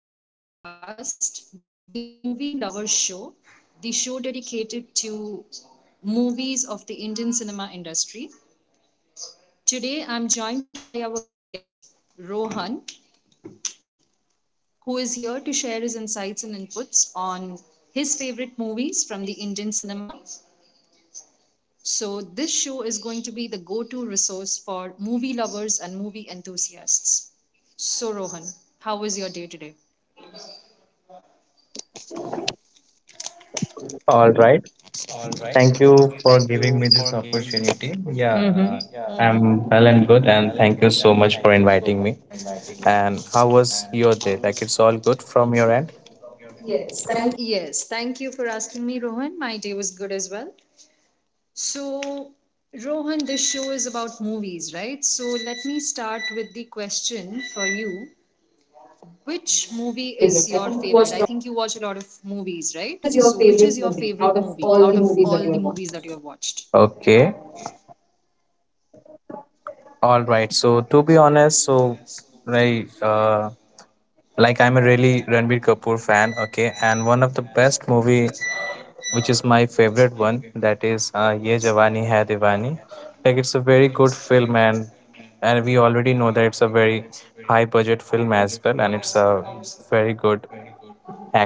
Welcome to our podcast, The Movie Lovers Show, the show dedicated to movies of the Indian cinema industry. Today, I'm joined by our guest, Rohan, who is here to share his insights and inputs on his favorite movies from the Indian cinema. So, this show is going to be the go to resource for movie lovers and movie enthusiasts. So, Rohan, how was your day today? All right. Thank you for giving me this opportunity. Yeah, Mm-hmm. I'm well and good, and thank you so much for inviting me. And how was your day? Like, it's all good from your end? Yes, thank you for asking me, Rohan. My day was good as well. So, Rohan, this show is about movies, right? So, let me start with the question for you. Which movie Your is favorite? I your think you favorite? I watched. think you watch a lot of movies, So, which right? is your So, which is favorite your movie out favorite of movie all the out of movies that all you the have movies watched? that you have watched? Okay. All right. So to be honest, so right, like I'm a really Ranbir Kapoor fan. Okay, and one of the best movie which is my favorite one that is ye jawani hai diwani, like it's a very good film and we already know that it's a very high budget film as well, and it's a very good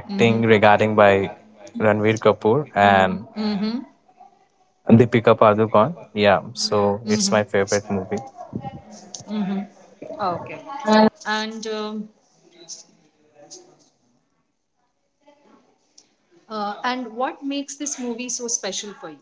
Mm-hmm. regarding by ranveer kapoor and Mm-hmm. deepika padukone. Yeah, so Mm-hmm. it's my favorite movie. Mm-hmm. Okay. And um, and what makes this movie so special for you?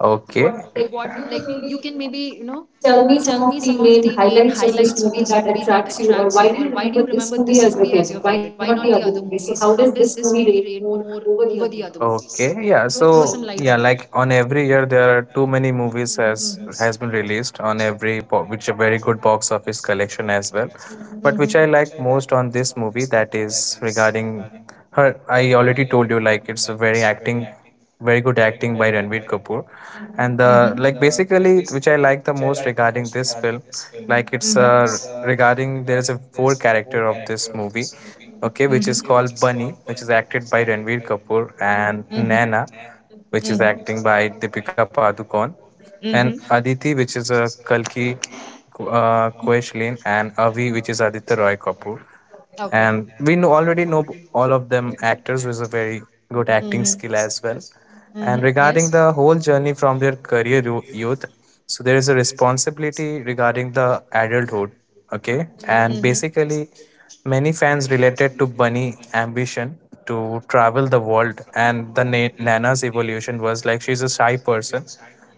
Okay, What, like, you can maybe, tell me some tell of me the some of main the main highlights of this highlights of movie this that movie that attracts you, or attracts why you, do or you why do remember you this remember movie this as your movie as favorite? your Why favorite? not the Why other not the movie? other So, movie? how So, does how this does movie this rate movie rate more more over the other over movies? the other Okay, movies? yeah. Those are Throw my, so some light yeah, on that. like on every year there are too many movies as has been Mm-hmm. released on every which a very good box office collection as well. Mhm. But Hmm. which I like most on this movie, that is regarding her. I already told you, like it's a very acting, very good acting by Ranveer Kapoor, and the Mm-hmm. like basically which I like the most regarding this film, like it's Hmm. Regarding there is a four character of this movie, okay, which Hmm. is called bunny, which is acted by ranveer kapoor, and Hmm. nana, which is Hmm. acting by deepika padukone, and Hmm. aditi, which is kalki Koechlin, and avi, which is aditya roy kapoor. Okay. I. And we know, already know, all of them actors with a very good acting Mm-hmm. skill as well. And Hmm. And. regarding the whole journey from their career youth, so there is a responsibility regarding the adulthood. Okay. And Hmm. basically, many fans related to Bunny' ambition to travel the world, and the Nana's evolution was like she's a shy person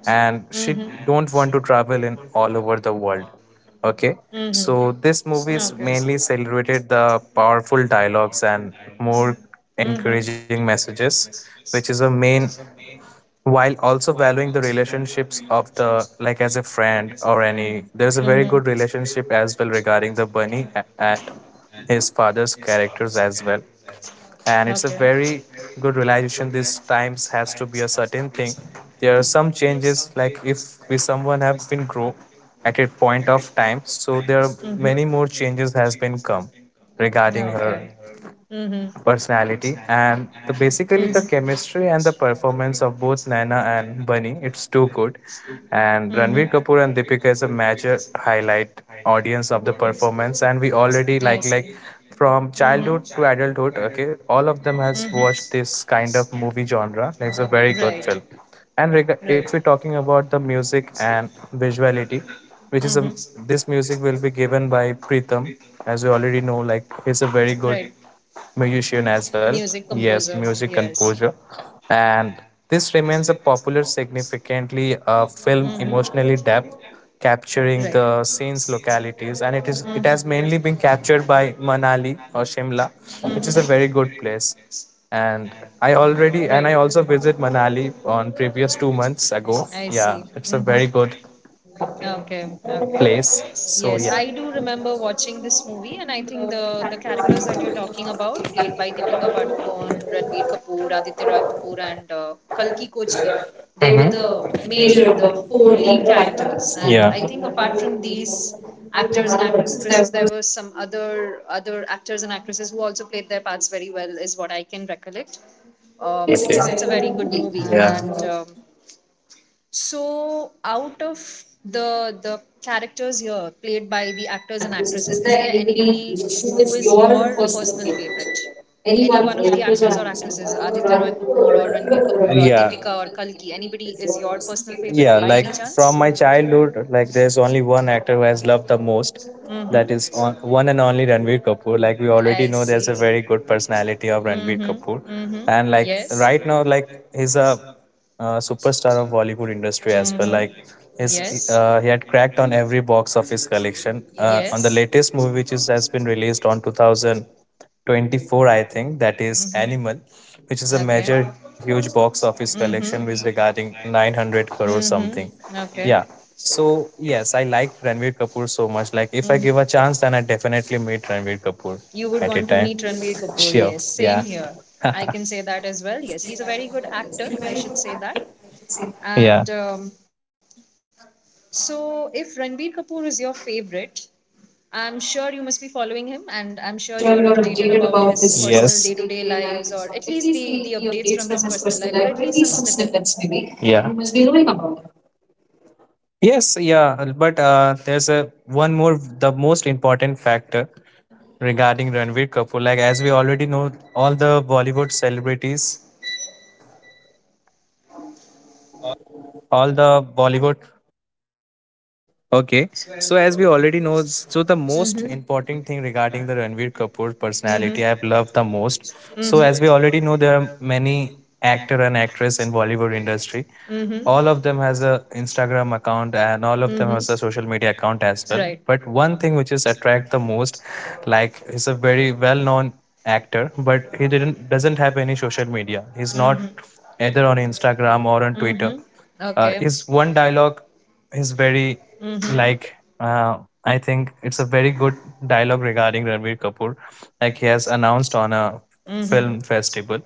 and Mm-hmm. she don't want to travel in all over the world. Okay, Hmm. so this movie is mainly celebrated the powerful dialogues and more Mm. encouraging messages, which is a main, while also valuing the relationships of the like as a friend or any, there's a very good relationship as well regarding the bunny and his father's characters as well. And it's a very good realization this times has to be a certain thing. There are some changes, like if we someone have been grow at a point of time, so there are many more changes has been come Mm. regarding Her. her Hmm. personality. And the basically the chemistry and the performance of both Naina and Bunny, it's too good. Hmm. And Ranveer Kapoor and Deepika is a major highlight audience of the performance, and we already I like see. like from Mm-hmm. Mm-hmm. childhood to Right. adulthood, okay, all of them has watched this kind of movie genre. It's a very good Right. film. And if we're talking about the music and visuality, which is Mm-hmm. a, this music will be given by Pritham. As you already know, like he's a very good Right. musician as well. Music Yes, composer. music Yes. composer, and this remains a popular, significantly film Mm-hmm. emotionally depth, Right. capturing the scenes, Mm-hmm. localities, and it has mainly been captured by Manali or Shimla, Mm-hmm. which is a very good place. And I already, Right. and I also visit Manali on previous 2 months ago. I see. Yeah, it's a Mm-hmm. very good Okay, okay. place. Yes, So I yeah. do remember watching And this movie, I and I think think the, the the the characters are characters that you're talking talking about, about, is like played by it Deepika Padukone, becomes Ranbir Kapoor, Aditya Roy Kapoor, and Kalki Kochlin, they they were were the the nature major, of the the four four lead lead characters. characters. And yeah, I And I think think apart apart from from these these actors actors and and actresses, actresses, there there was, were some other actors and actresses who also played their parts very well, is what I can recollect. This Yes, is it's okay, a very very good good. movie, And and yeah, so, out of the characters here played by the as actors an and actress, actresses, is is there there anybody anybody who who is is your your personal personal favorite? favorite? Any Any one of one of the the actors actors or or actresses, actresses, Aditya Roy Dhruv Kapoor or Ranbir Kapoor or- or yeah, Deepika or Kalki, anybody anybody is is your your personal personal favorite? favorite Yeah, by any like chance? from my childhood, like there's only one actor who has loved the most. That Mm-hmm. is on, one and only Ranveer Kapoor. Like we I already know, there's a see. very good personality of Ranveer Mm-hmm. Kapoor, Mm-hmm. and like Yes. right now, like he's a superstar of Bollywood industry as well. Mm-hmm. Like his, Yes. He had cracked on every box office collection. On the Yes. latest movie, which is, has been released on 2024, I think, Mm-hmm. that is Animal, which is a Okay. major huge box office collection, which Mhm. regarding 900 crore something. Mm-hmm. Yeah. Okay. Yeah. So yes, I like Ranveer Kapoor so much. Like if I Mhm. give a chance, then I definitely meet Ranveer Kapoor Kapoor. You would at a want to time. meet Ranbir Kapoor. Sure. Yes, Yeah. same here. I can say that as well. Yes, he's a very good actor. I should say that. yeah. And so, if Ranbir Kapoor is your favorite, I'm sure you must be following him, and I'm And sure I'm you're sure you're updated updated about his about his, personal yes, day-to-day personal day-to-day lives, or lives, at or least at the least the the updates from his updates from his personal life, or personal at life, or least at some least some snippets. snippets Maybe maybe. you must Yeah. You be must knowing be knowing about him. about it. Yes. Yeah. But there's a one more, the most important factor Mm-hmm. regarding Ranveer Kapoor. Like as we already know, all the Bollywood celebrities, all the Bollywood, okay, so as we already know, so the most Mhm. important thing regarding the Ranveer Kapoor Mhm. personality I've loved the most. Mhm. So as we already know, there are many actor and actress in Bollywood industry. Mhm. All of them has a Instagram account and all of them Mhm. has a social media account as well. Right. But one thing which is attract the most, like he's a very well known actor, but he didn't doesn't have any social media. He's Mhm. not either on Instagram or on Twitter. Mhm. Uh, Okay. is one dialogue is very Mhm. like, uh, I think it's a very good dialogue regarding Ranveer Kapoor. Like he has announced on a Mhm. film festival,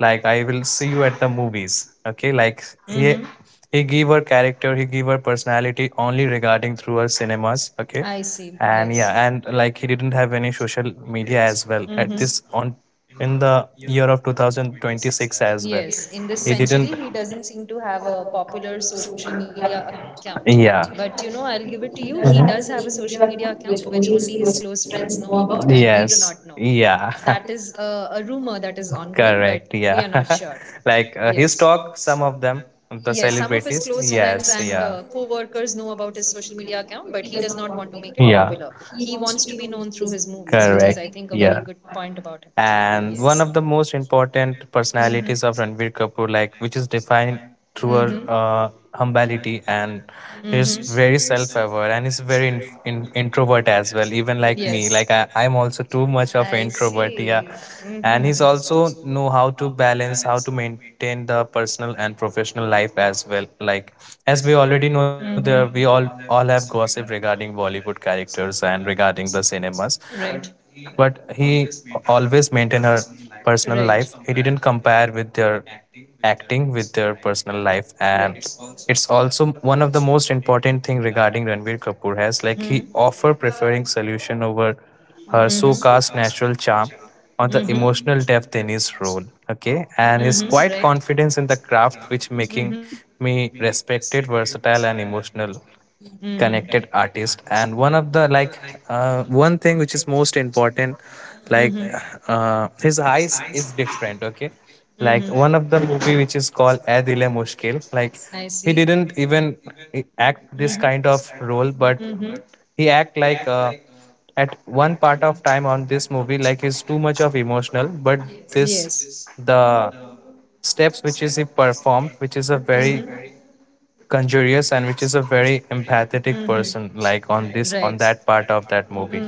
like I will see you at the movies. Okay, like he Mhm. he gave her character, he gave her personality only regarding through her cinemas. Okay, See. and yeah, and like he didn't have any social media as well at Mhm. this on in Now. the year of 2026 as well. Yes, in He this didn't century, he doesn't seem to have a popular social media account. yeah. But you know, I'll give it to you. He He does hmm have a does have a Mhm. social social media media account account which which only only his his close close friends friends know know about, about, and we do not yes. know. Yeah. That is a rumor that is ongoing, but Correct. we are Yeah. not sure. like his Yes. talk, Have some of them, the Yes, yes, some of his close celebrities. friends Yes. Uh, and yeah. co workers know about his social media account, but he does not want to make it popular. Yeah. Yeah. He He wants wants to to be be known known through through his his movies. movies, which is, I Correct. think, a very Yeah. good point about him. And Yes. one of the most important Mm-hmm. personalities of Ranveer Kapoor, like which is defined through her Mm-hmm. Humility, and Mm-hmm. he's very self-aware and he's very introvert as well, even like me Yes. like I'm also too much of introvert. Yeah, Mm-hmm. and And. he's also know how to balance, how to maintain the personal and professional life as well. Like as we already know, there we all have gossip regarding bollywood characters and regarding the cinemas, but But. he always maintained her personal life. He didn't Right. compare with their acting with their personal life. And it's also one of the most important thing regarding Ranbir Kapoor has, like he Mhm. offer preferring solution over her Mhm. so-cast natural charm on the Mhm. Or. emotional depth in his role, okay, and Mhm. his quite confidence in the craft which making Mhm. me respected versatile and emotional Mm-hmm. connected artist. And one of the like, one thing which is most important, Mm-hmm. like, his eyes is different, okay, Mm-hmm. like one of the movie which is called Ae Dil Hai Mushkil, like See. he didn't even act this kind of role, Mhm. but he act like, at one part of time on this movie, like he's too much of emotional, but this, the steps which is he performed which is a Mhm. very Conjurious, and which is a very empathetic person, like on this on that part of that movie.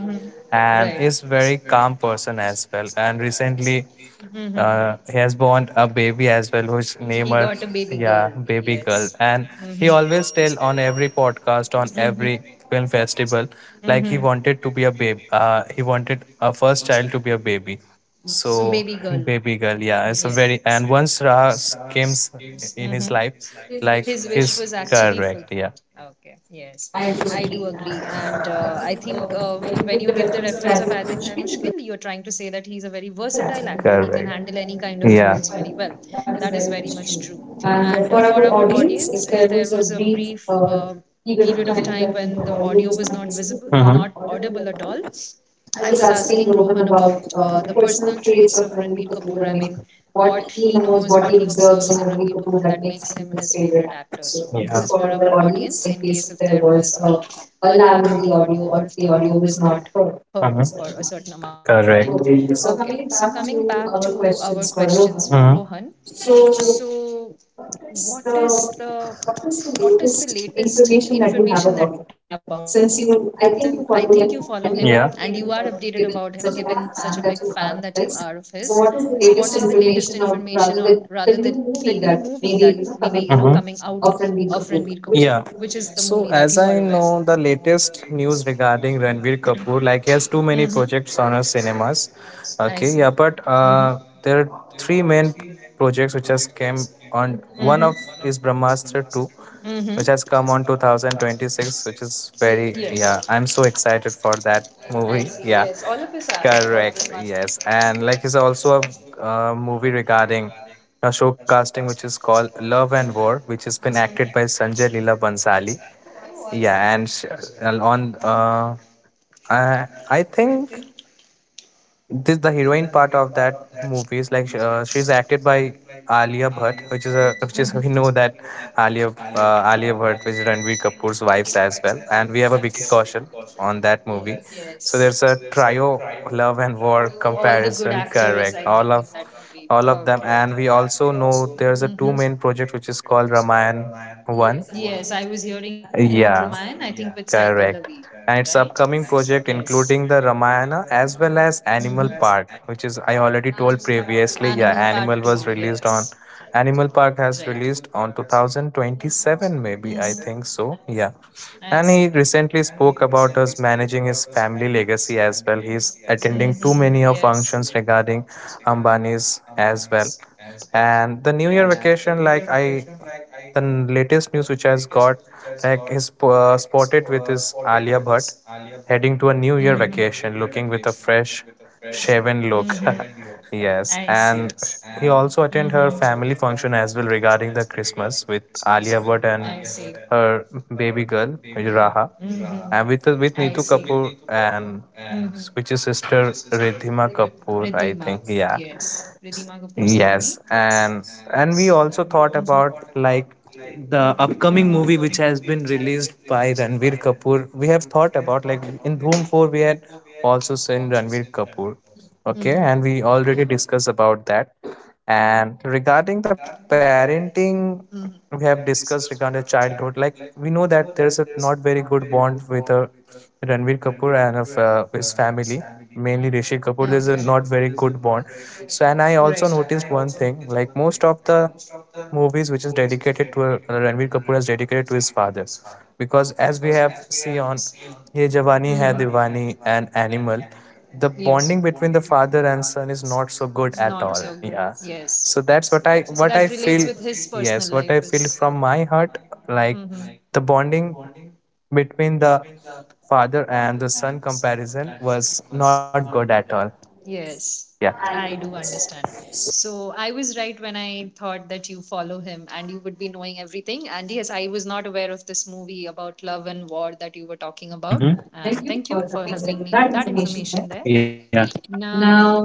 And is very calm person as well. And recently, Mm-hmm. Towards. He has born a baby as well whose name are, yeah, baby girl. And he always tell on every podcast, on Mhm. every film festival, like he wanted to be a babe, he wanted a first child to be a baby, so Baby. Girl. baby girl. Yeah, it's a very, and once Raha came in his life, like his correct yeah Okay, yes. I do agree. And I think when you give the reference of Adil Hai Mushkil, you're trying to say that he's a very versatile versatile actor. actually. He can Correct. handle any kind of roles Yeah, very well. well. That That is is very very much much true. true. And And for for our our audience, audience, if if there there was was a a brief brief period period of of time time when when the the audio audio was was not not visible, visible, Mm-hmm. not audible audible at at all, all, I I was was asking asking Rohan Rohan about about the personal personal traits traits of of Ranbir Ranbir Kapoor. I Kapoor. I mean, mean, what what he he knows, knows, what what he he observes observes in in Ranbir Ranbir Kapoor Kapoor that that makes makes him him his his favorite favorite actor. actor. So, So this this yeah, is is for for our our audience audience, in in case case if if there there was was a, a a lag lag in in the the audio audio or or if if the the audio audio was was not not heard. heard for a Mhm. certain So, amount of time. correct, Okay, so so coming coming back back to to our our questions questions for for Rohan. Rohan. Mhm. So, So what what is is the, the what what is is the the latest latest information information that that you you have have about about him? Ranbir Kapoor? Since Since you, you, I I think think you you follow follow him him and and you, you are yeah, are updated updated about about him, him, given given such such a a big big fan fan that that you you are are, of right? his. So, So, what what is is the the latest latest information, information, or or rather, rather the, the the new new movie movie that that maybe maybe coming coming out of Ranbir Kapoor, which is yeah. the movie that you are So aware as of? I know, the latest news regarding Ranveer Kapoor, like he has Mm-hmm. too many projects on our cinemas. I see. Okay, yeah, Mm-hmm. Mhm. but there are three main projects which has came on. Mhm. One of is Brahmastra Two, Mm-hmm. which has come on 2026, which is very, yeah, I'm so excited for that movie. Yeah, Of us are. correct. Yes, and like he's also a movie regarding a show casting which is called Love and War, which has been acted by Sanjay Leela Bhansali. Oh, I see. Yeah, and and on I think this the heroine part of that movie is like she's acted by Alia Bhatt, which is we know that Alia Bhatt, which is Ranveer Kapoor's wives as well, and we have a Vicky Kaushal on Movie. that movie. Yes. So Movie. there's a trio love and war comparison, correct? All of Movie. All. all of them, and we also know Mhm. there's a two main project which is called Ramayan One. I was hearing about Ramayan, with Yeah. Sai Pallavi, Correct. right? And its upcoming project, including the Ramayana as well as Mhm. Animal Park, which is I already told previously. Yeah, 2, right. Animal Park has released on 2027, maybe I think so. Yeah. And he recently spoke about us managing his family legacy as well. Mhm. He's attending too many of functions regarding Ambani's as well. And the New Year vacation, like I the latest news which has got like is spotted with is Alia Bhatt heading to a New Year vacation looking with a fresh Mhm. shaven look. I. Yes, and Mm-hmm. he also attend Mhm. her family function as well regarding the Christmas with Alia Bhatt and her baby girl Raha Mhm. and with Neetu Kapoor and Mhm. Which is sister Ridhima Kapoor, I Yeah. think. Yeah. Ridhima Kapoor Sahani. Yes, and So, and we also thought about like the Mhm. upcoming movie which has been released by Ranveer Kapoor. We have thought about like in Dhoom 4 we had also seen Ranveer Kapoor. Mhm. Okay, and we already discussed about that. And regarding the parenting, Mhm. we have discussed regarding the childhood, like we know that there is a not very good bond with Ranveer Kapoor and of his family, mainly Rishi Kapoor. There's a not very good bond, so, and I Right. also noticed one thing, like most of the movies which is dedicated to Ranveer Kapoor is dedicated to his father, because as we have seen on Ye Mhm. Jawani Hai Diwani and Animal, the Yes. bonding between the father and son is not so good at all. Yeah. So that's what I feel. Yes, what I feel from my heart, Hmm. like the bonding between the father and the son comparison was not good at all. Yes, Yeah. I do understand. So I was right when I thought that you follow him and you would be knowing everything. And yes, I was not aware of this movie about love and war that you were talking About. about. Mm-hmm. And Thank thank you you for for helping having me with that that information information back. there. Yeah. Now, Now,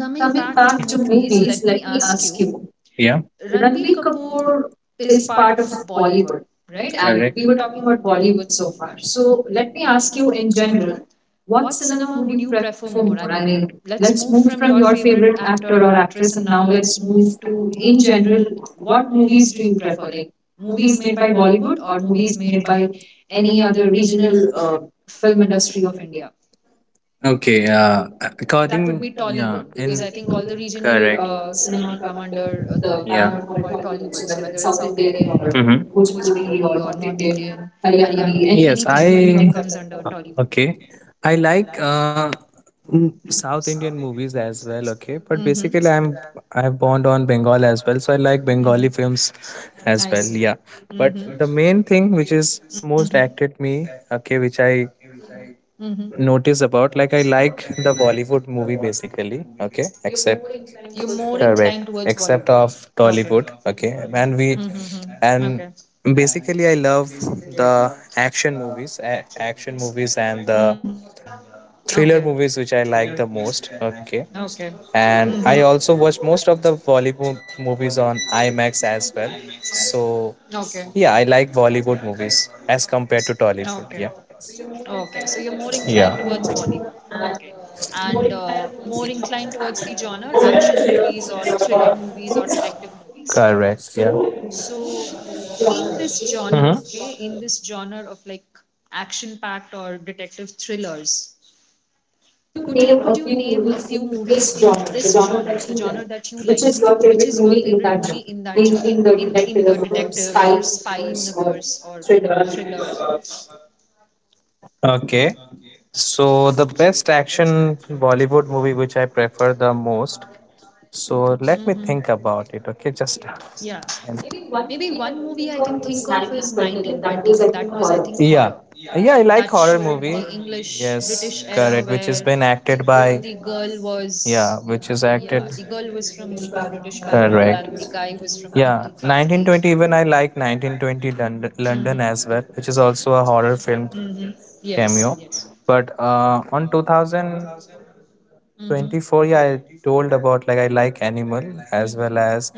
coming coming back back to to movies, movies, let let me me ask ask you. you, yeah, Ranbir Ranbir Kapoor Kapoor is is part part of of Bollywood, Bollywood, right? right? And, And correct, we we were were talking talking about about Bollywood Bollywood so so far. far. So So let let me me ask ask you you in in general, general, what what cinema cinema would would you you prefer prefer more? more? I I mean, mean, let's let's move move from from your your favorite favorite actor actor or or actress actress, and and now now let's let's move move to, to, in in general, general, what what movies movies do do you you prefer? prefer? Like Like movies movies made made by by Bollywood Bollywood or or movies movies made made by by any any other other regional regional film film industry industry of of India? India? Okay, Be according, yeah, in Think all the regional correct, cinema come under the yeah, banner banner called called, Tollywood. So whether it's South Indian or hmm Bhojpuri or North Indian, yes, Haryanvi, I, everything comes under Tollywood. okay, I like mm, South Indian movies as well. Okay, but Mhm. basically, I'm born on Bengal as well, so I like Mhm. Bengali films I. as well. Yeah, Mm-hmm. but the main thing which is Mhm. most acted me, okay, which I Mm-hmm. notice about like I like the Bollywood movie basically. Okay, you, except more inclined Inclined towards Bollywood, towards. correct, except of Tollywood. Okay, and we and basically I love the action movies, action movies Mhm. and the Okay. thriller movies which I like the most. Okay, Mm-hmm. and I also watch most of the Bollywood movies on IMAX as well. So yeah, I like Bollywood movies as compared to Tollywood. Yeah, Bollywood. Okay. So you're more inclined towards Bollywood. yeah. Okay. And more inclined towards the genre action movies or thriller movies or detective movies. Okay. Correct. Yeah. So, in this genre, okay, in Mm-hmm. this genre of like action-packed or detective thrillers, Could you could you could you could you name name a a few few movies in movies in this this genre, genre, the the genre genre that you that you like? like? Which Which is is your your favorite favorite movie movie in in that that genre? genre, In, in in the in the detective detective or or spy spy universe universe or or thriller? thriller? Okay. So the best action Bollywood movie which I prefer the most. So Hmm. let me think about it. Okay, just Yeah, and even maybe one one movie I movie I can can think think of of was is 1920, 1927. but That that was, I was, I think, think, horror. horror. Yeah, yeah, That I like showed horror the movie. English British Yes, era correct. where Which has been acted the by, girl was yeah, which is yeah the acted, girl was from the British background, and the correct. guy was from a Hindu Yeah, family. 1920. Even I like 1920 London, Mhm. London as well, which is also a horror film Mhm. Yes. cameo. But on 2000 Mhm. 24, yeah, I told about like I like Animal as well Mhm. as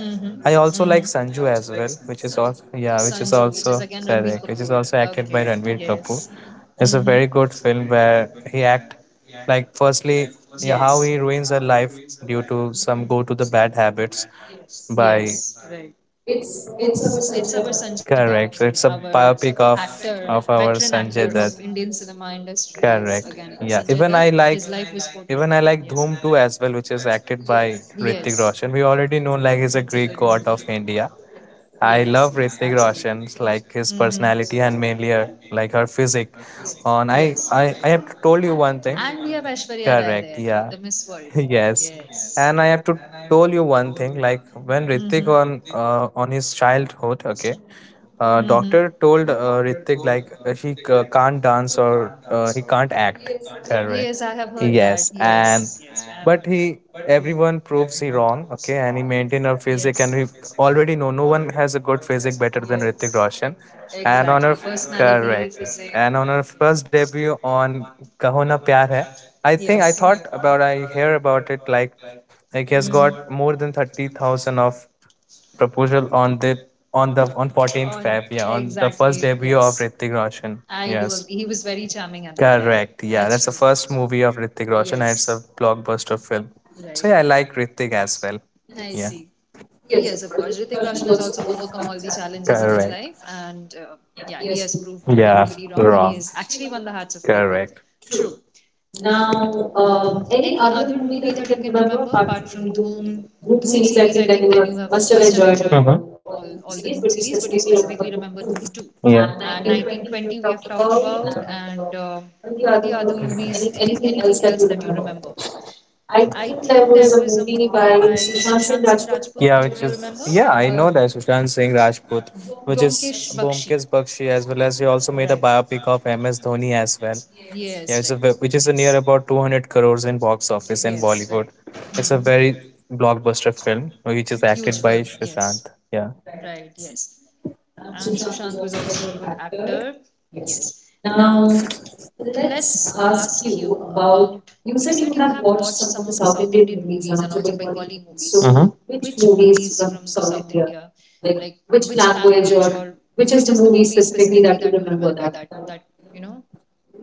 I Mhm. also like Sanju as well, which is also, yeah, Sanju, which which is is again also, Ranbir Kapoor. correct, which is also Okay. acted by Ranveer Yes. Kapoor. Mhm. It's a very good film where he act like firstly, yeah, Yes. how he ruins her life due to some go to the bad habits by, Yes. Right. It's our Sanjay Dutt. Yeah, correct. So right. it's our a It's a part biopic of actor, of- Veteran our actor of Sanjay Dutt. Indian cinema industry is again Correct. Sanjay Yeah. Dutt. Even I His. Because life I was like portrayed. even I like Dhoom 2 as well, which is acted by Yes, Ritik Roshan. We already know like that's a he's a good Greek movie. god of India. Yes, I yes, love absolutely. Ritik Roshan's like his Hmm. personality and mainly her like her physique. Yes. I have to told you one And we thing. have Ashwarya Rai there, Correct. the Yeah. Miss World. Yes, Yes. and I have to tell you one thing. Like Mhm. when Ritik on his childhood, okay, doctor told Mhm. Ritik like he can't dance or he can't act. Yes, I have Correct. heard that. Yes, and Heard that. but he everyone proves he wrong. Okay, and he maintained a physique, and we already know no one has a good physique better than Ritik Roshan. Exactly. And on her, Personality, correct, physique. and on her first debut on "Kaho Na Pyar Hai," Yes. I think Yes. I thought about I hear about it like Mhm. like he has got more than 30,000 of proposal on the on On- 14th Feb, yeah, on the Exactly. first debut of Ritik Roshan. I do agree. He Yes, was very charming at that time. That's correct. Yeah, that's true. the first movie of Ritik Roshan Yes. and it's a blockbuster film. Right. So yeah, I like Ritik as well. I like see. Yeah. Yes, of course. Ritik Roshan has also overcome all the challenges in his life, Correct. and yeah, he Yeah, has yes. proved everybody Yeah, wrong, and he has wrong. actually won the hearts of people. Correct. True. Now, Now, any any other other movie movie that you that you can can remember remember apart apart from from Doom? Room? Doom Room series, series, I I think think then that you you have have, must have must have enjoyed enjoyed, all all all the the Doom Room series, series, but you but you specifically specifically remember remember Doom Room two, two. and Yeah. And nineteen nineteen twenty twenty we we have have talked talked about, about and and what are the any other other movies? movies, Anything anything else else that you that you remember? remember? I I think think there there was a was a movie movie by by Sushant Sushant Singh Singh Rajput, Rajput. Yeah, which is, yeah, I know that Sushant Singh Rajput, which is Vyomkesh. Bomkesh Bakshi, as well as he also made a biopic of MS Dhoni as well. Yes, Yeah, it's a which is a near about 200 crores in box office in Bollywood. Bollywood. It's Mhm. a very blockbuster film, which is acted by Sushant. Yeah. Right. Yes, and Sushant Sushant is was also also a a good good actor. actor. Yes. Yes. Now, Now, let's let's ask ask you you about. about. You You said said you you have have watched watched some some of the of the South South Indian Indian movies movies and and also also Bengali Bengali movies. movies. So, So, which which movies movies from from South South India? India, Like, like which which language language or or which which is is the the movie movie specifically specifically that you that you remember remember that, that that that you know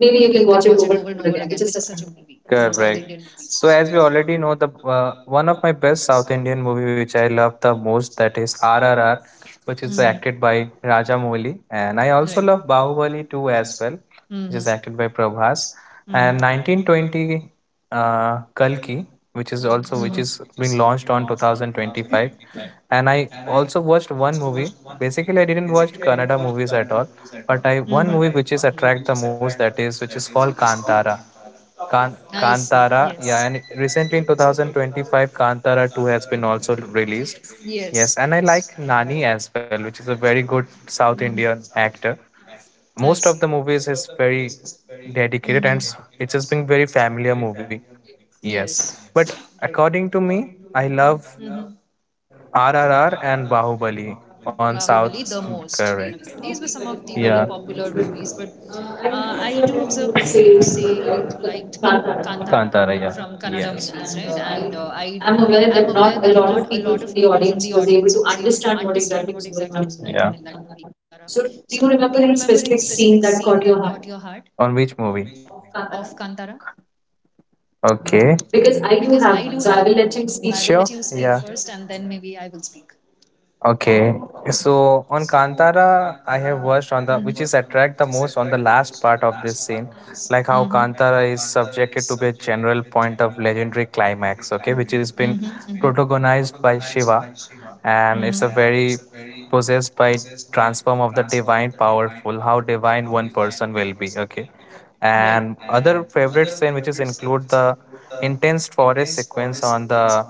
maybe you you can can watch watch it it over over and and over over again, again. which Which is is such a such movie. a That's movie such a, from correct, South great. Indian So movies. as we already know, the one of my best South Indian movie which I love the most that is RRR, which Mm. is acted by Mhm. Rajamouli, and I also love Bahubali 2 as well, which Mm-hmm. is acted by Prabhas, and 1920 Kalki, which is Mhm. also which is being launched on 2025. And I also watched one movie. Basically, I didn't watch Kannada movies at all, but I one movie Mm-hmm. which is attract the most that is which is called Kantara. Kantara, yeah, and recently in 2025, Kantara 2 has been also released. Yes, and I like Nani as well, which is a very good Mhm. South Indian actor. Sound. I see. Most of the movies is very Mm-hmm. dedicated and it has been very familiar movie. Yes. Yes, but Right. according to me, I Mhm. love RRR and Bahubali on Bahubali the South. most. Okay, these were Correct. some of the very Yeah. popular movies, but I do observe that you say you liked Kantara from Kantara, yeah. Kannada movies, Yes. right? And And I I am am aware aware that that not not a a lot lot of of people people from from the the audience audience was was able able to to understand understand what what exactly exactly was was going going on on in in that, that yeah, movie, Kantara. Kantara. So, do So, do you you remember remember any any specific specific scene scene that that caught caught your your heart heart on which movie, of of Kantara? Kantara? Okay. Because Because I I do do have have one, one, so so I I will will let let him you speak. speak Sure, first, first, and then yeah. maybe I will speak. Okay, so on Kantara, I have Mhm. watched on the which is attract the most on the last part of this scene, Mm-hmm. like how Kantara is subjected to be a general point of legendary climax. Okay, which has been Mhm. protagonized by Shiva, Mm-hmm. and it's a very possessed by transform of the divine powerful. How divine one person will be. Okay, Okay, right. and other favorite scene which is include the intense forest sequence on the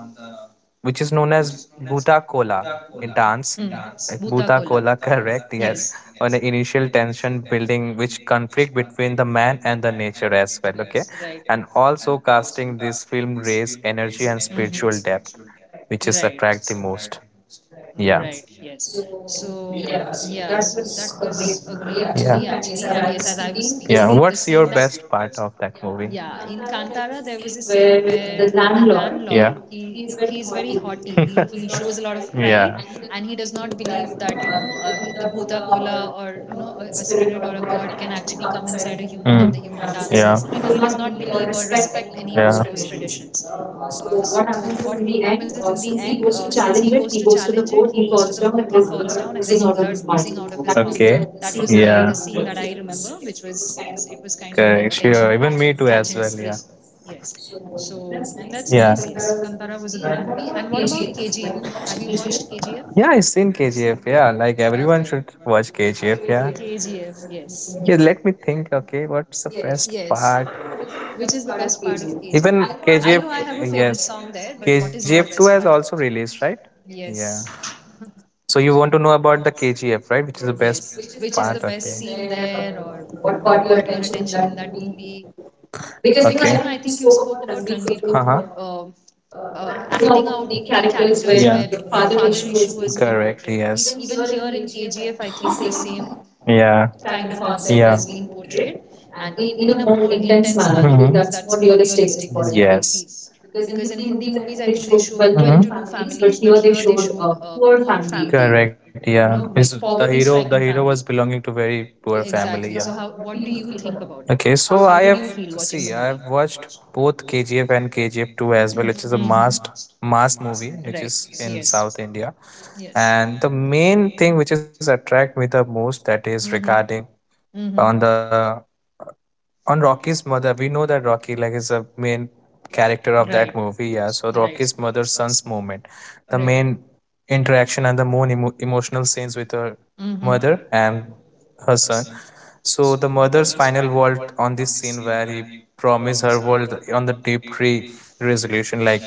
which is known as Bhuta in dance. Bhuta. Like Bhuta Kola. Correct, yes. On the initial tension building, which conflict between the man and the nature as well, okay? And also casting this film raise energy and Mhm. spiritual depth, Right. which is attract the most. Mm, right. Yeah. Yes. So, So, yeah, yes, so that that was was a a great great movie. movie Yeah, actually. actually. And And yes, yes, as as I I was was speaking, speaking, the, the yeah, scene. scene What's that, your best part of that, yeah, movie? yeah, in In Kantara, Kantara, there there was was a a scene scene where where the the landlord, landlord, yeah, he he is he's very very haughty. haughty. he, He was he a shows a lot lot of of pride. pride. Yeah. And And he he does does not not believe believe that, that you know, the the Buddha, Bhuta Kola, Kola, or, or you a, know, the a spirit spirit or or a God god can can actually actually come come inside inside a a human human. Mm. and the And human human dances. Yeah. dances. He He does does not not believe believe or or respect respect any any of, of yeah, those, those yeah, traditions. traditions. Uh, So so what what happens happens is is in in the the end, end, since since he he goes goes to to challenge challenge it, it, he he goes goes to to the the court, court, he he falls falls down, down, and and there's there's blood blood oozing oozing out out of of his his mouth. mouth. That That was, was okay, the the the scene that scene I, that I yeah, remember, remember, which which was, was, yes, yes, it it was was kind kind of of like iconic. attention Correct. Sure. Even me catching too scream. as well. Yeah. Yes. So So that's that's nice. nice. Yes. Yes, Yeah, but Kantara was a there. good movie. Yeah, And what what about about KGF? KGF? Have Have you you watched watched KGF? KGF? Yeah, I've seen KGF. Yeah, like Okay. everyone should watch Should. KGF. Yeah. KGF, yes. KGF. Yeah, let me think. Okay, what's the best Yes, part? which is the best part of KGF? Even I know I have a KGF, favorite song yes, there, but what is your KGF best two part? has also released, right? Yes, Yeah. So you want to know about the KGF, right? Which is the yes. best Which is the part? best scene Okay. there, or what caught your attention in that movie? Because I Okay. think you spoke about Ranbir Kapoor, Uh huh. Acting acting out out the the characters characters where, where yeah, the the father father issue issue has has been been. portrayed. Correct. Yes. Even Even here here in in KGF, KGF, I think think the the same same, yeah, kind kind of of concept, concept yeah, has has been been portrayed, portrayed, and and in, in in a a more more intense intense manner manner because, because mhm, that's that's more more realistic realistic is is what what I I think. feel, Yes. because Because in in Hindi Hindi movies, movies, I I think think they they show showed well-to-do, well-to-do mhm, families, families, but but here here they they showed showed a a poor poor family. family. Correct. Yeah. No, is the hero? The hero was belonging to very poor. Exactly. Family. So, yeah, How? What do what do you you think think about about. it? Okay, so I Okay. have. See, I have watched both KGF and KGF 2 as well, which is a Mhm. mass movie which is in South India. India. Yes. And the main thing which is attract me the most that Mhm. is regarding Mm-hmm. on the on Rocky's mother. We know that Rocky like is a main character of that movie, yeah. So Rocky's mother son's moment, the main interaction and the more emotional scenes with her Mm-hmm. mother and her son, so the mother's final vault on this scene where he promised her world on the deep tree resolution, like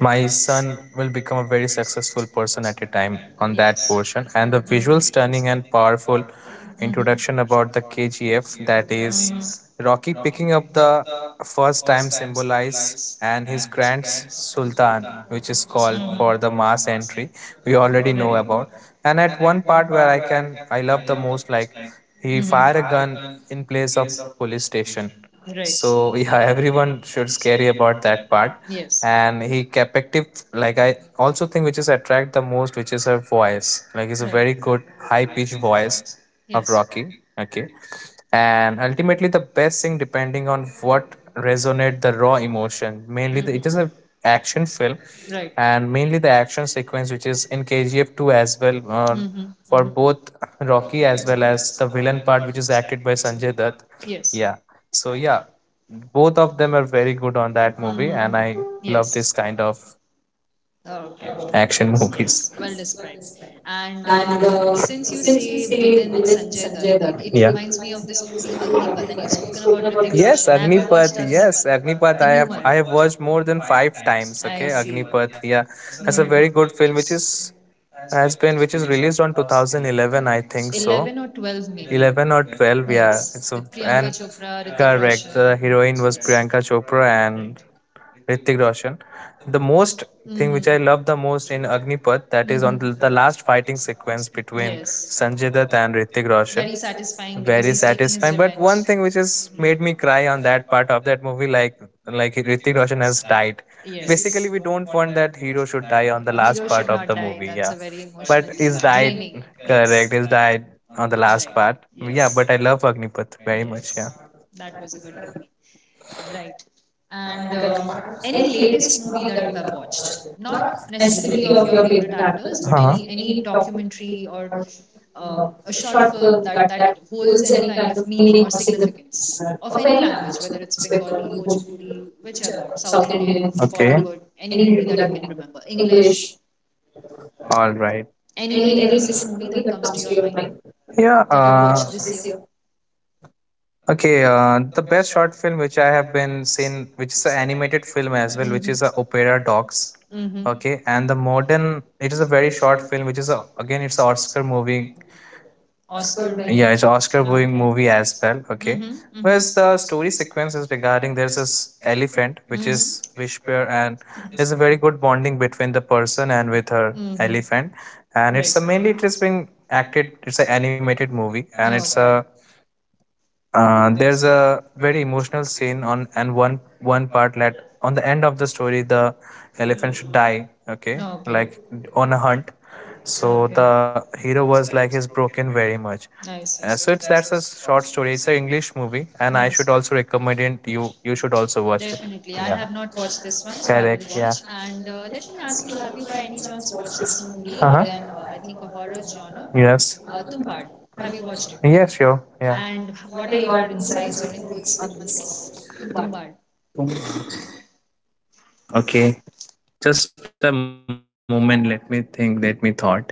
my son will become a very successful person at a time on that portion. And the Mhm. visual stunning and powerful Mm-hmm. introduction about the KGF, that Mhm. is Rocky picking up the first time symbolize and his grand sultan which is called for the mass Mhm. entry we already know about. And at one part where I can, I love the most like he We. fire a gun in place of police station, Right. so yeah, everyone should scary about that part. Yes. And he captive, like I also think which is attract the most, which is her voice, like it's a very good high pitched voice of Yes. Rocky. Okay. And ultimately the best thing depending on what resonate the raw emotion, mainly the, it is A. a action film. Right. And mainly the action sequence which is in KGF 2 as well, for Mm-hmm. both Rocky as well as the villain part which is acted by Sanjay Dutt. Yes. Yeah. So yeah, both of them are very good on that movie, Mhm. and I love this kind of action movies. Yes, well described. And And since you since you say say villain villain Sanjay Sanjay Dutt, Dutt, it, yeah. it reminds me of this movie Agnipath. And you've spoken about. Yes, Agnipath. Yes, Agnipath. I have watched more than five times. Okay, See. Agnipath. Yeah, that's a very good film, Hmm. which is has been which is released on 2011, I think, so 11 or 12, 11 or 12, yeah, it's a, with. and correct the heroine was Priyanka Chopra and Right. Hrithik Roshan. The most Hmm. thing which I love the most in Agnipath that is Mhm. on the last fighting sequence between Yes. Sanjay Dutt and Hrithik Roshan. Very satisfying because Very he's taking his satisfying. But revenge. one thing which has made Mhm. me cry on that part of that movie, like Hrithik Roshan has died. Basically, Yes. we don't want that hero should die on the last part of Not the die. movie. That's Yeah, a very but emotionally he's died. draining. Correct, Yes. he's died uh, on the Right. last part. Yeah, Yes. but I love Agnipath very much. Yeah. Yes. That was a good movie. Right. And And any any latest latest movie movie that that you you have have watched? watched? Not Not necessarily necessarily of of your your favorite favorite actors, actors, but, but uh-huh, any any any documentary documentary or or uh, a a short short film film that, that that holds holds any any kind kind of of meaning meaning or or significance significance of of any any language, language, whether whether it's it's Bengali, Bengali, Bhojpuri, Bhojpuri, whichever, whichever, South South Indian, Indian, okay, Bollywood, Bollywood, any any movie movie that that you you can can remember, remember, English, English, all right, any any any recent recent movie movie that that comes comes to to your your mind mind, yeah, that you, that you watched watched this this year. year? Okay, the best short film which I have been seen, which is an animated film as well, which is a Opera A. Dogs. Hmm. Okay, and the modern, it is a very short film, which is a, again it's an Oscar movie. Oscar Oscar winning. winning. Yeah, it's an Oscar winning Okay. movie as well. Okay, Mm-hmm. whereas the story sequence is regarding there's this elephant which is Whisper, and there's a very good bonding between the person and with her elephant, and it's a mainly it has been acted. It's an animated movie, and it's a there's a very emotional scene on, and one part that on the end of the story the elephant should die, okay, like on a hunt. So the hero was like he's broken very much. And. Nice. So it's that's a short story, it's an English movie, and I Nice. should also recommend it. You should also watch it. Definitely. I have Yeah. not watched this one, so I will watch. Correct. Yeah. And let me ask you, have you by any chance watched this movie? Again, I Uh-huh. think a horror genre. Yes. Tumbad. Have you watched it? Yes, sure, And yeah. what are your insights or inputs on this? Tumbad. Okay, just a moment. Let me think. Let me thought.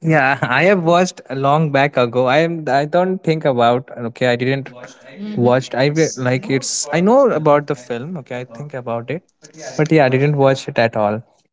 Yeah, I have watched a long back ago. I am. I don't think about. Okay, I didn't Mhm. watched. I like it's. I know about the film. Okay, I think about it, but yeah, I didn't watch it at all.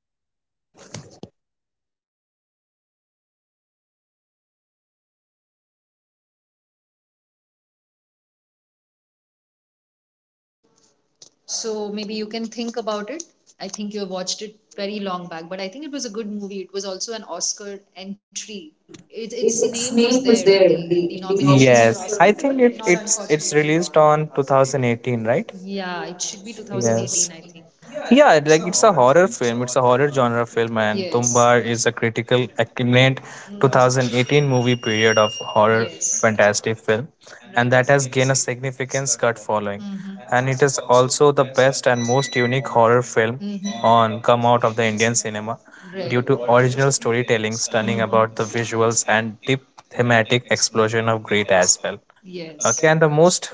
So maybe you can think about it. I think you have watched it very long back, but I think it was a good movie. It was also an Oscar entry. See, It, its it, its name was name there was in there the in in the the comic. nominations for Yes, Oscar, I but it think did it not, it's unfortunately. it's released on 2018, right? Yeah, it should be 2018, Yes. I think. Yeah, like it's a horror film. It's a horror genre film, and Yes. Tumbar is a critical acclaimed 2000. 2018 movie period of Mm. horror Yes. fantastic film, and that has Right. gained a significant cult following. Mm-hmm. And it is also the best and most unique horror film Mhm. on come out of the Indian cinema due to original storytelling, stunning Mhm. about the visuals and deep thematic explosion of great as well. Yes. Okay, and the most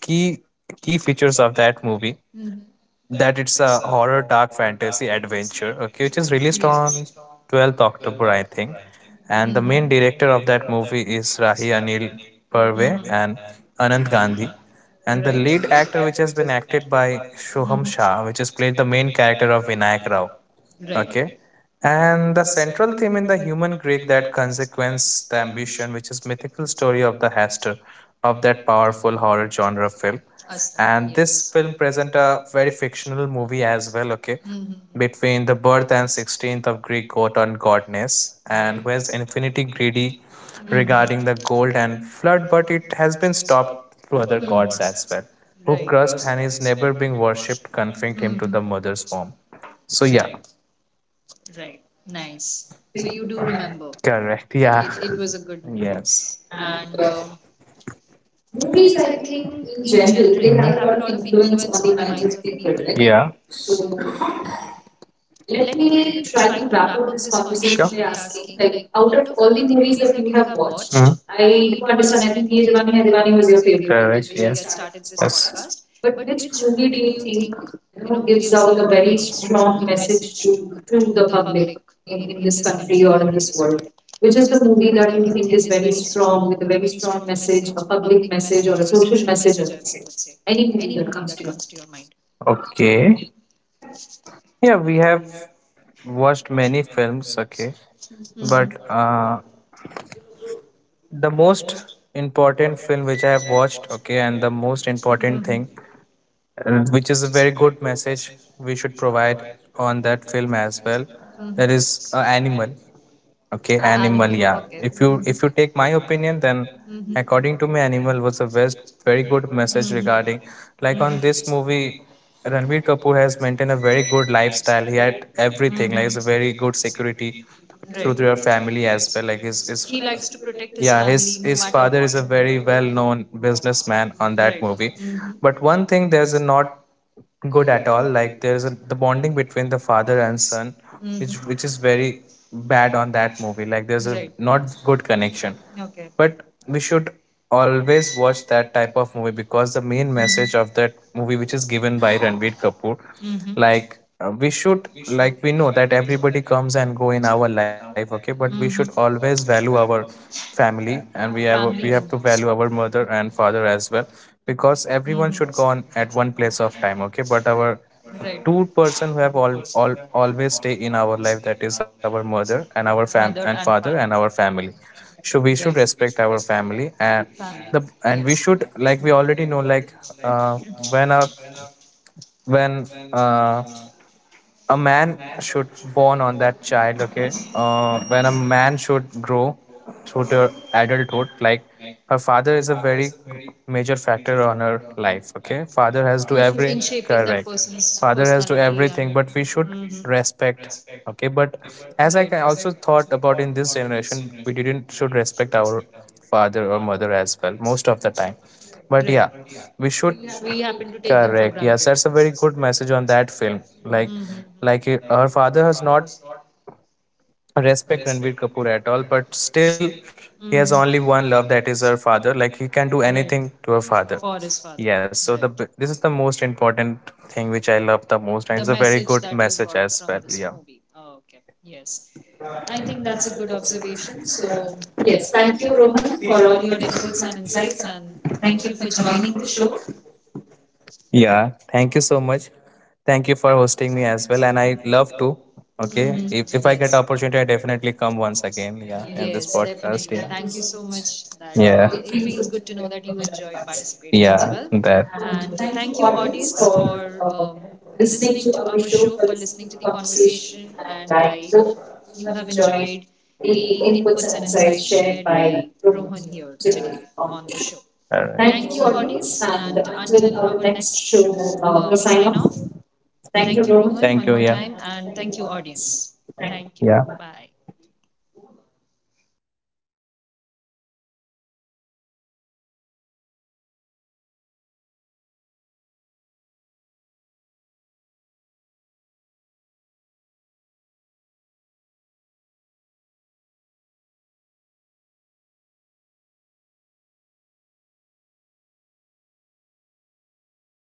key key features of that Movie. movie Mhm. that it's a horror dark fantasy adventure, okay, which is released on 12th October, I think. Mhm. And the main director of that movie is Rahi Anil Parve Mhm. and Anand Gandhi. Right. And the lead actor which has been acted by Mhm. Shoham Shah which has played the main character of Vinayak Rao. Okay. And the central theme in the human Greek that consequence the ambition, which is mythical story of the Hester of that powerful horror genre film. Astra. And this film present a very fictional movie as well, okay, Mhm. between the birth and 16th of Greek god and godness, and Right. who is Right. infinity greedy regarding the Mhm. gold and flood, but it has been stopped through other Mhm. Well. gods as well, who crushed Right. and is never being worshipped, confined Being. him to Mhm. the mother's home. So yeah. Right. Yeah. Right. Nice. So you do remember. Correct. It, Yeah. it was a good movie. Yes. And And movies, movies, I I think, think, in in general, general, they they have a have a lot lot of of influence influence on on the the minds minds of of people, people, right? right? Yeah. So So let let me me try try to to wrap wrap up up this this conversation. conversation Sure. by By asking, asking, like, like, out out of of all all the the movies movies that that you you have have watched, watched, mhm, I I do do understand, understand. I I think think Ye Ye Diwani Jawani Hai Hai Diwani Diwani was was your your favorite, favorite, with correct, which which we we had, had yes, started started this this, yes, podcast. podcast. But But which which movie movie do do you you think, think you know, gives gives out out a a very very strong strong message message to to the the public public, in in in this this country country or or in in this this world? world? Which Which is is the the movie movie that that you you think think is is very very strong strong with with a a very very strong strong message, message, a a public public message message or or a a social social message? message, I I would would say say. any Any movie movie that that comes comes to to your your mind. mind. Okay. Yeah, we have watched many films, okay, but Mm-hmm. The most important film which I have watched, okay, and the most important Mhm. thing, which is a very good message we should provide on that film as well, Mhm. that is Animal. Okay, animal. Yeah. If you take my opinion, then Mm-hmm. according to me, animal was a best, very good message Mhm. regarding like on this movie. Ranveer Kapoor has maintained a very good lifestyle. He had everything. Like Mhm. he's a very good security through to your family as well. Like his To protect. yeah his father is a very well known businessman on that movie. But one thing there's a not good at all, like there's a the bonding between the father and son Mm-hmm. which is very bad on that movie, like there's a not good connection. Okay. But we should always watch that type of movie because the main message of that movie which is given by Ranveer Kapoor, Mm-hmm. like, we should, like we know that everybody comes and go in our life, okay, but Mhm. we should always value our family, and we have Most. to value our mother and father as well. Hmm. Because everyone should go on at one place of time, okay, but our two-person who have all always stay in our life, that is our mother and our fam and father and our family. So Father. we should respect our family and the, and we should like we already know like uh, when our when uh, a man should born on that child, okay, when a man should grow through to adulthood, like her father is a very major factor on her life, okay, father has to every, That. correct, father has to everything but we should respect, okay, but Right, as I also thought about in this generation we didn't should respect our father or mother as well most of the time. But right. yeah, we should. Happen to take them for. Correct. Yes, that's a very good message on that film, Hmm. like, her father has not respect Ranbir Kapoor at all, but still he has only one love that is her father. Like he can do Right. anything to her For father. his father. Yes, so Right. the this is the most important thing which I love the The most, and it's a message very that good you got message as well. this Yeah. movie. Oh, okay. Yes. I I think think that's a good that's a good observation. observation. So, So, yes, yes, thank you, thank you, Rohan, Rohan, for for all your all your inputs and details and insights. insights, And and thank you thank you for for joining the joining the show. show. Yeah. Thank you so much. Thank you for hosting me as well, and I love to. Mhm. Okay, if I Yes. get opportunity, I definitely come once again. Yeah, in Yes, this definitely. Thank you so podcast. much. That Yeah, It yeah, feels good to know that you enjoyed participating as well. yeah. That. And thank you, audience, for listening to our show, for listening to the conversation. And I hope you have enjoyed the inputs and insights shared by Rohan here today on the show. Thank you, audience. And until All our next show, we sign right. off. Thank Thank you, you, Rohit. Rohan, one Thank more you. Yeah. time, and Thank thank you, you, audience. audience. Thank Thank you. you. Yeah. Bye.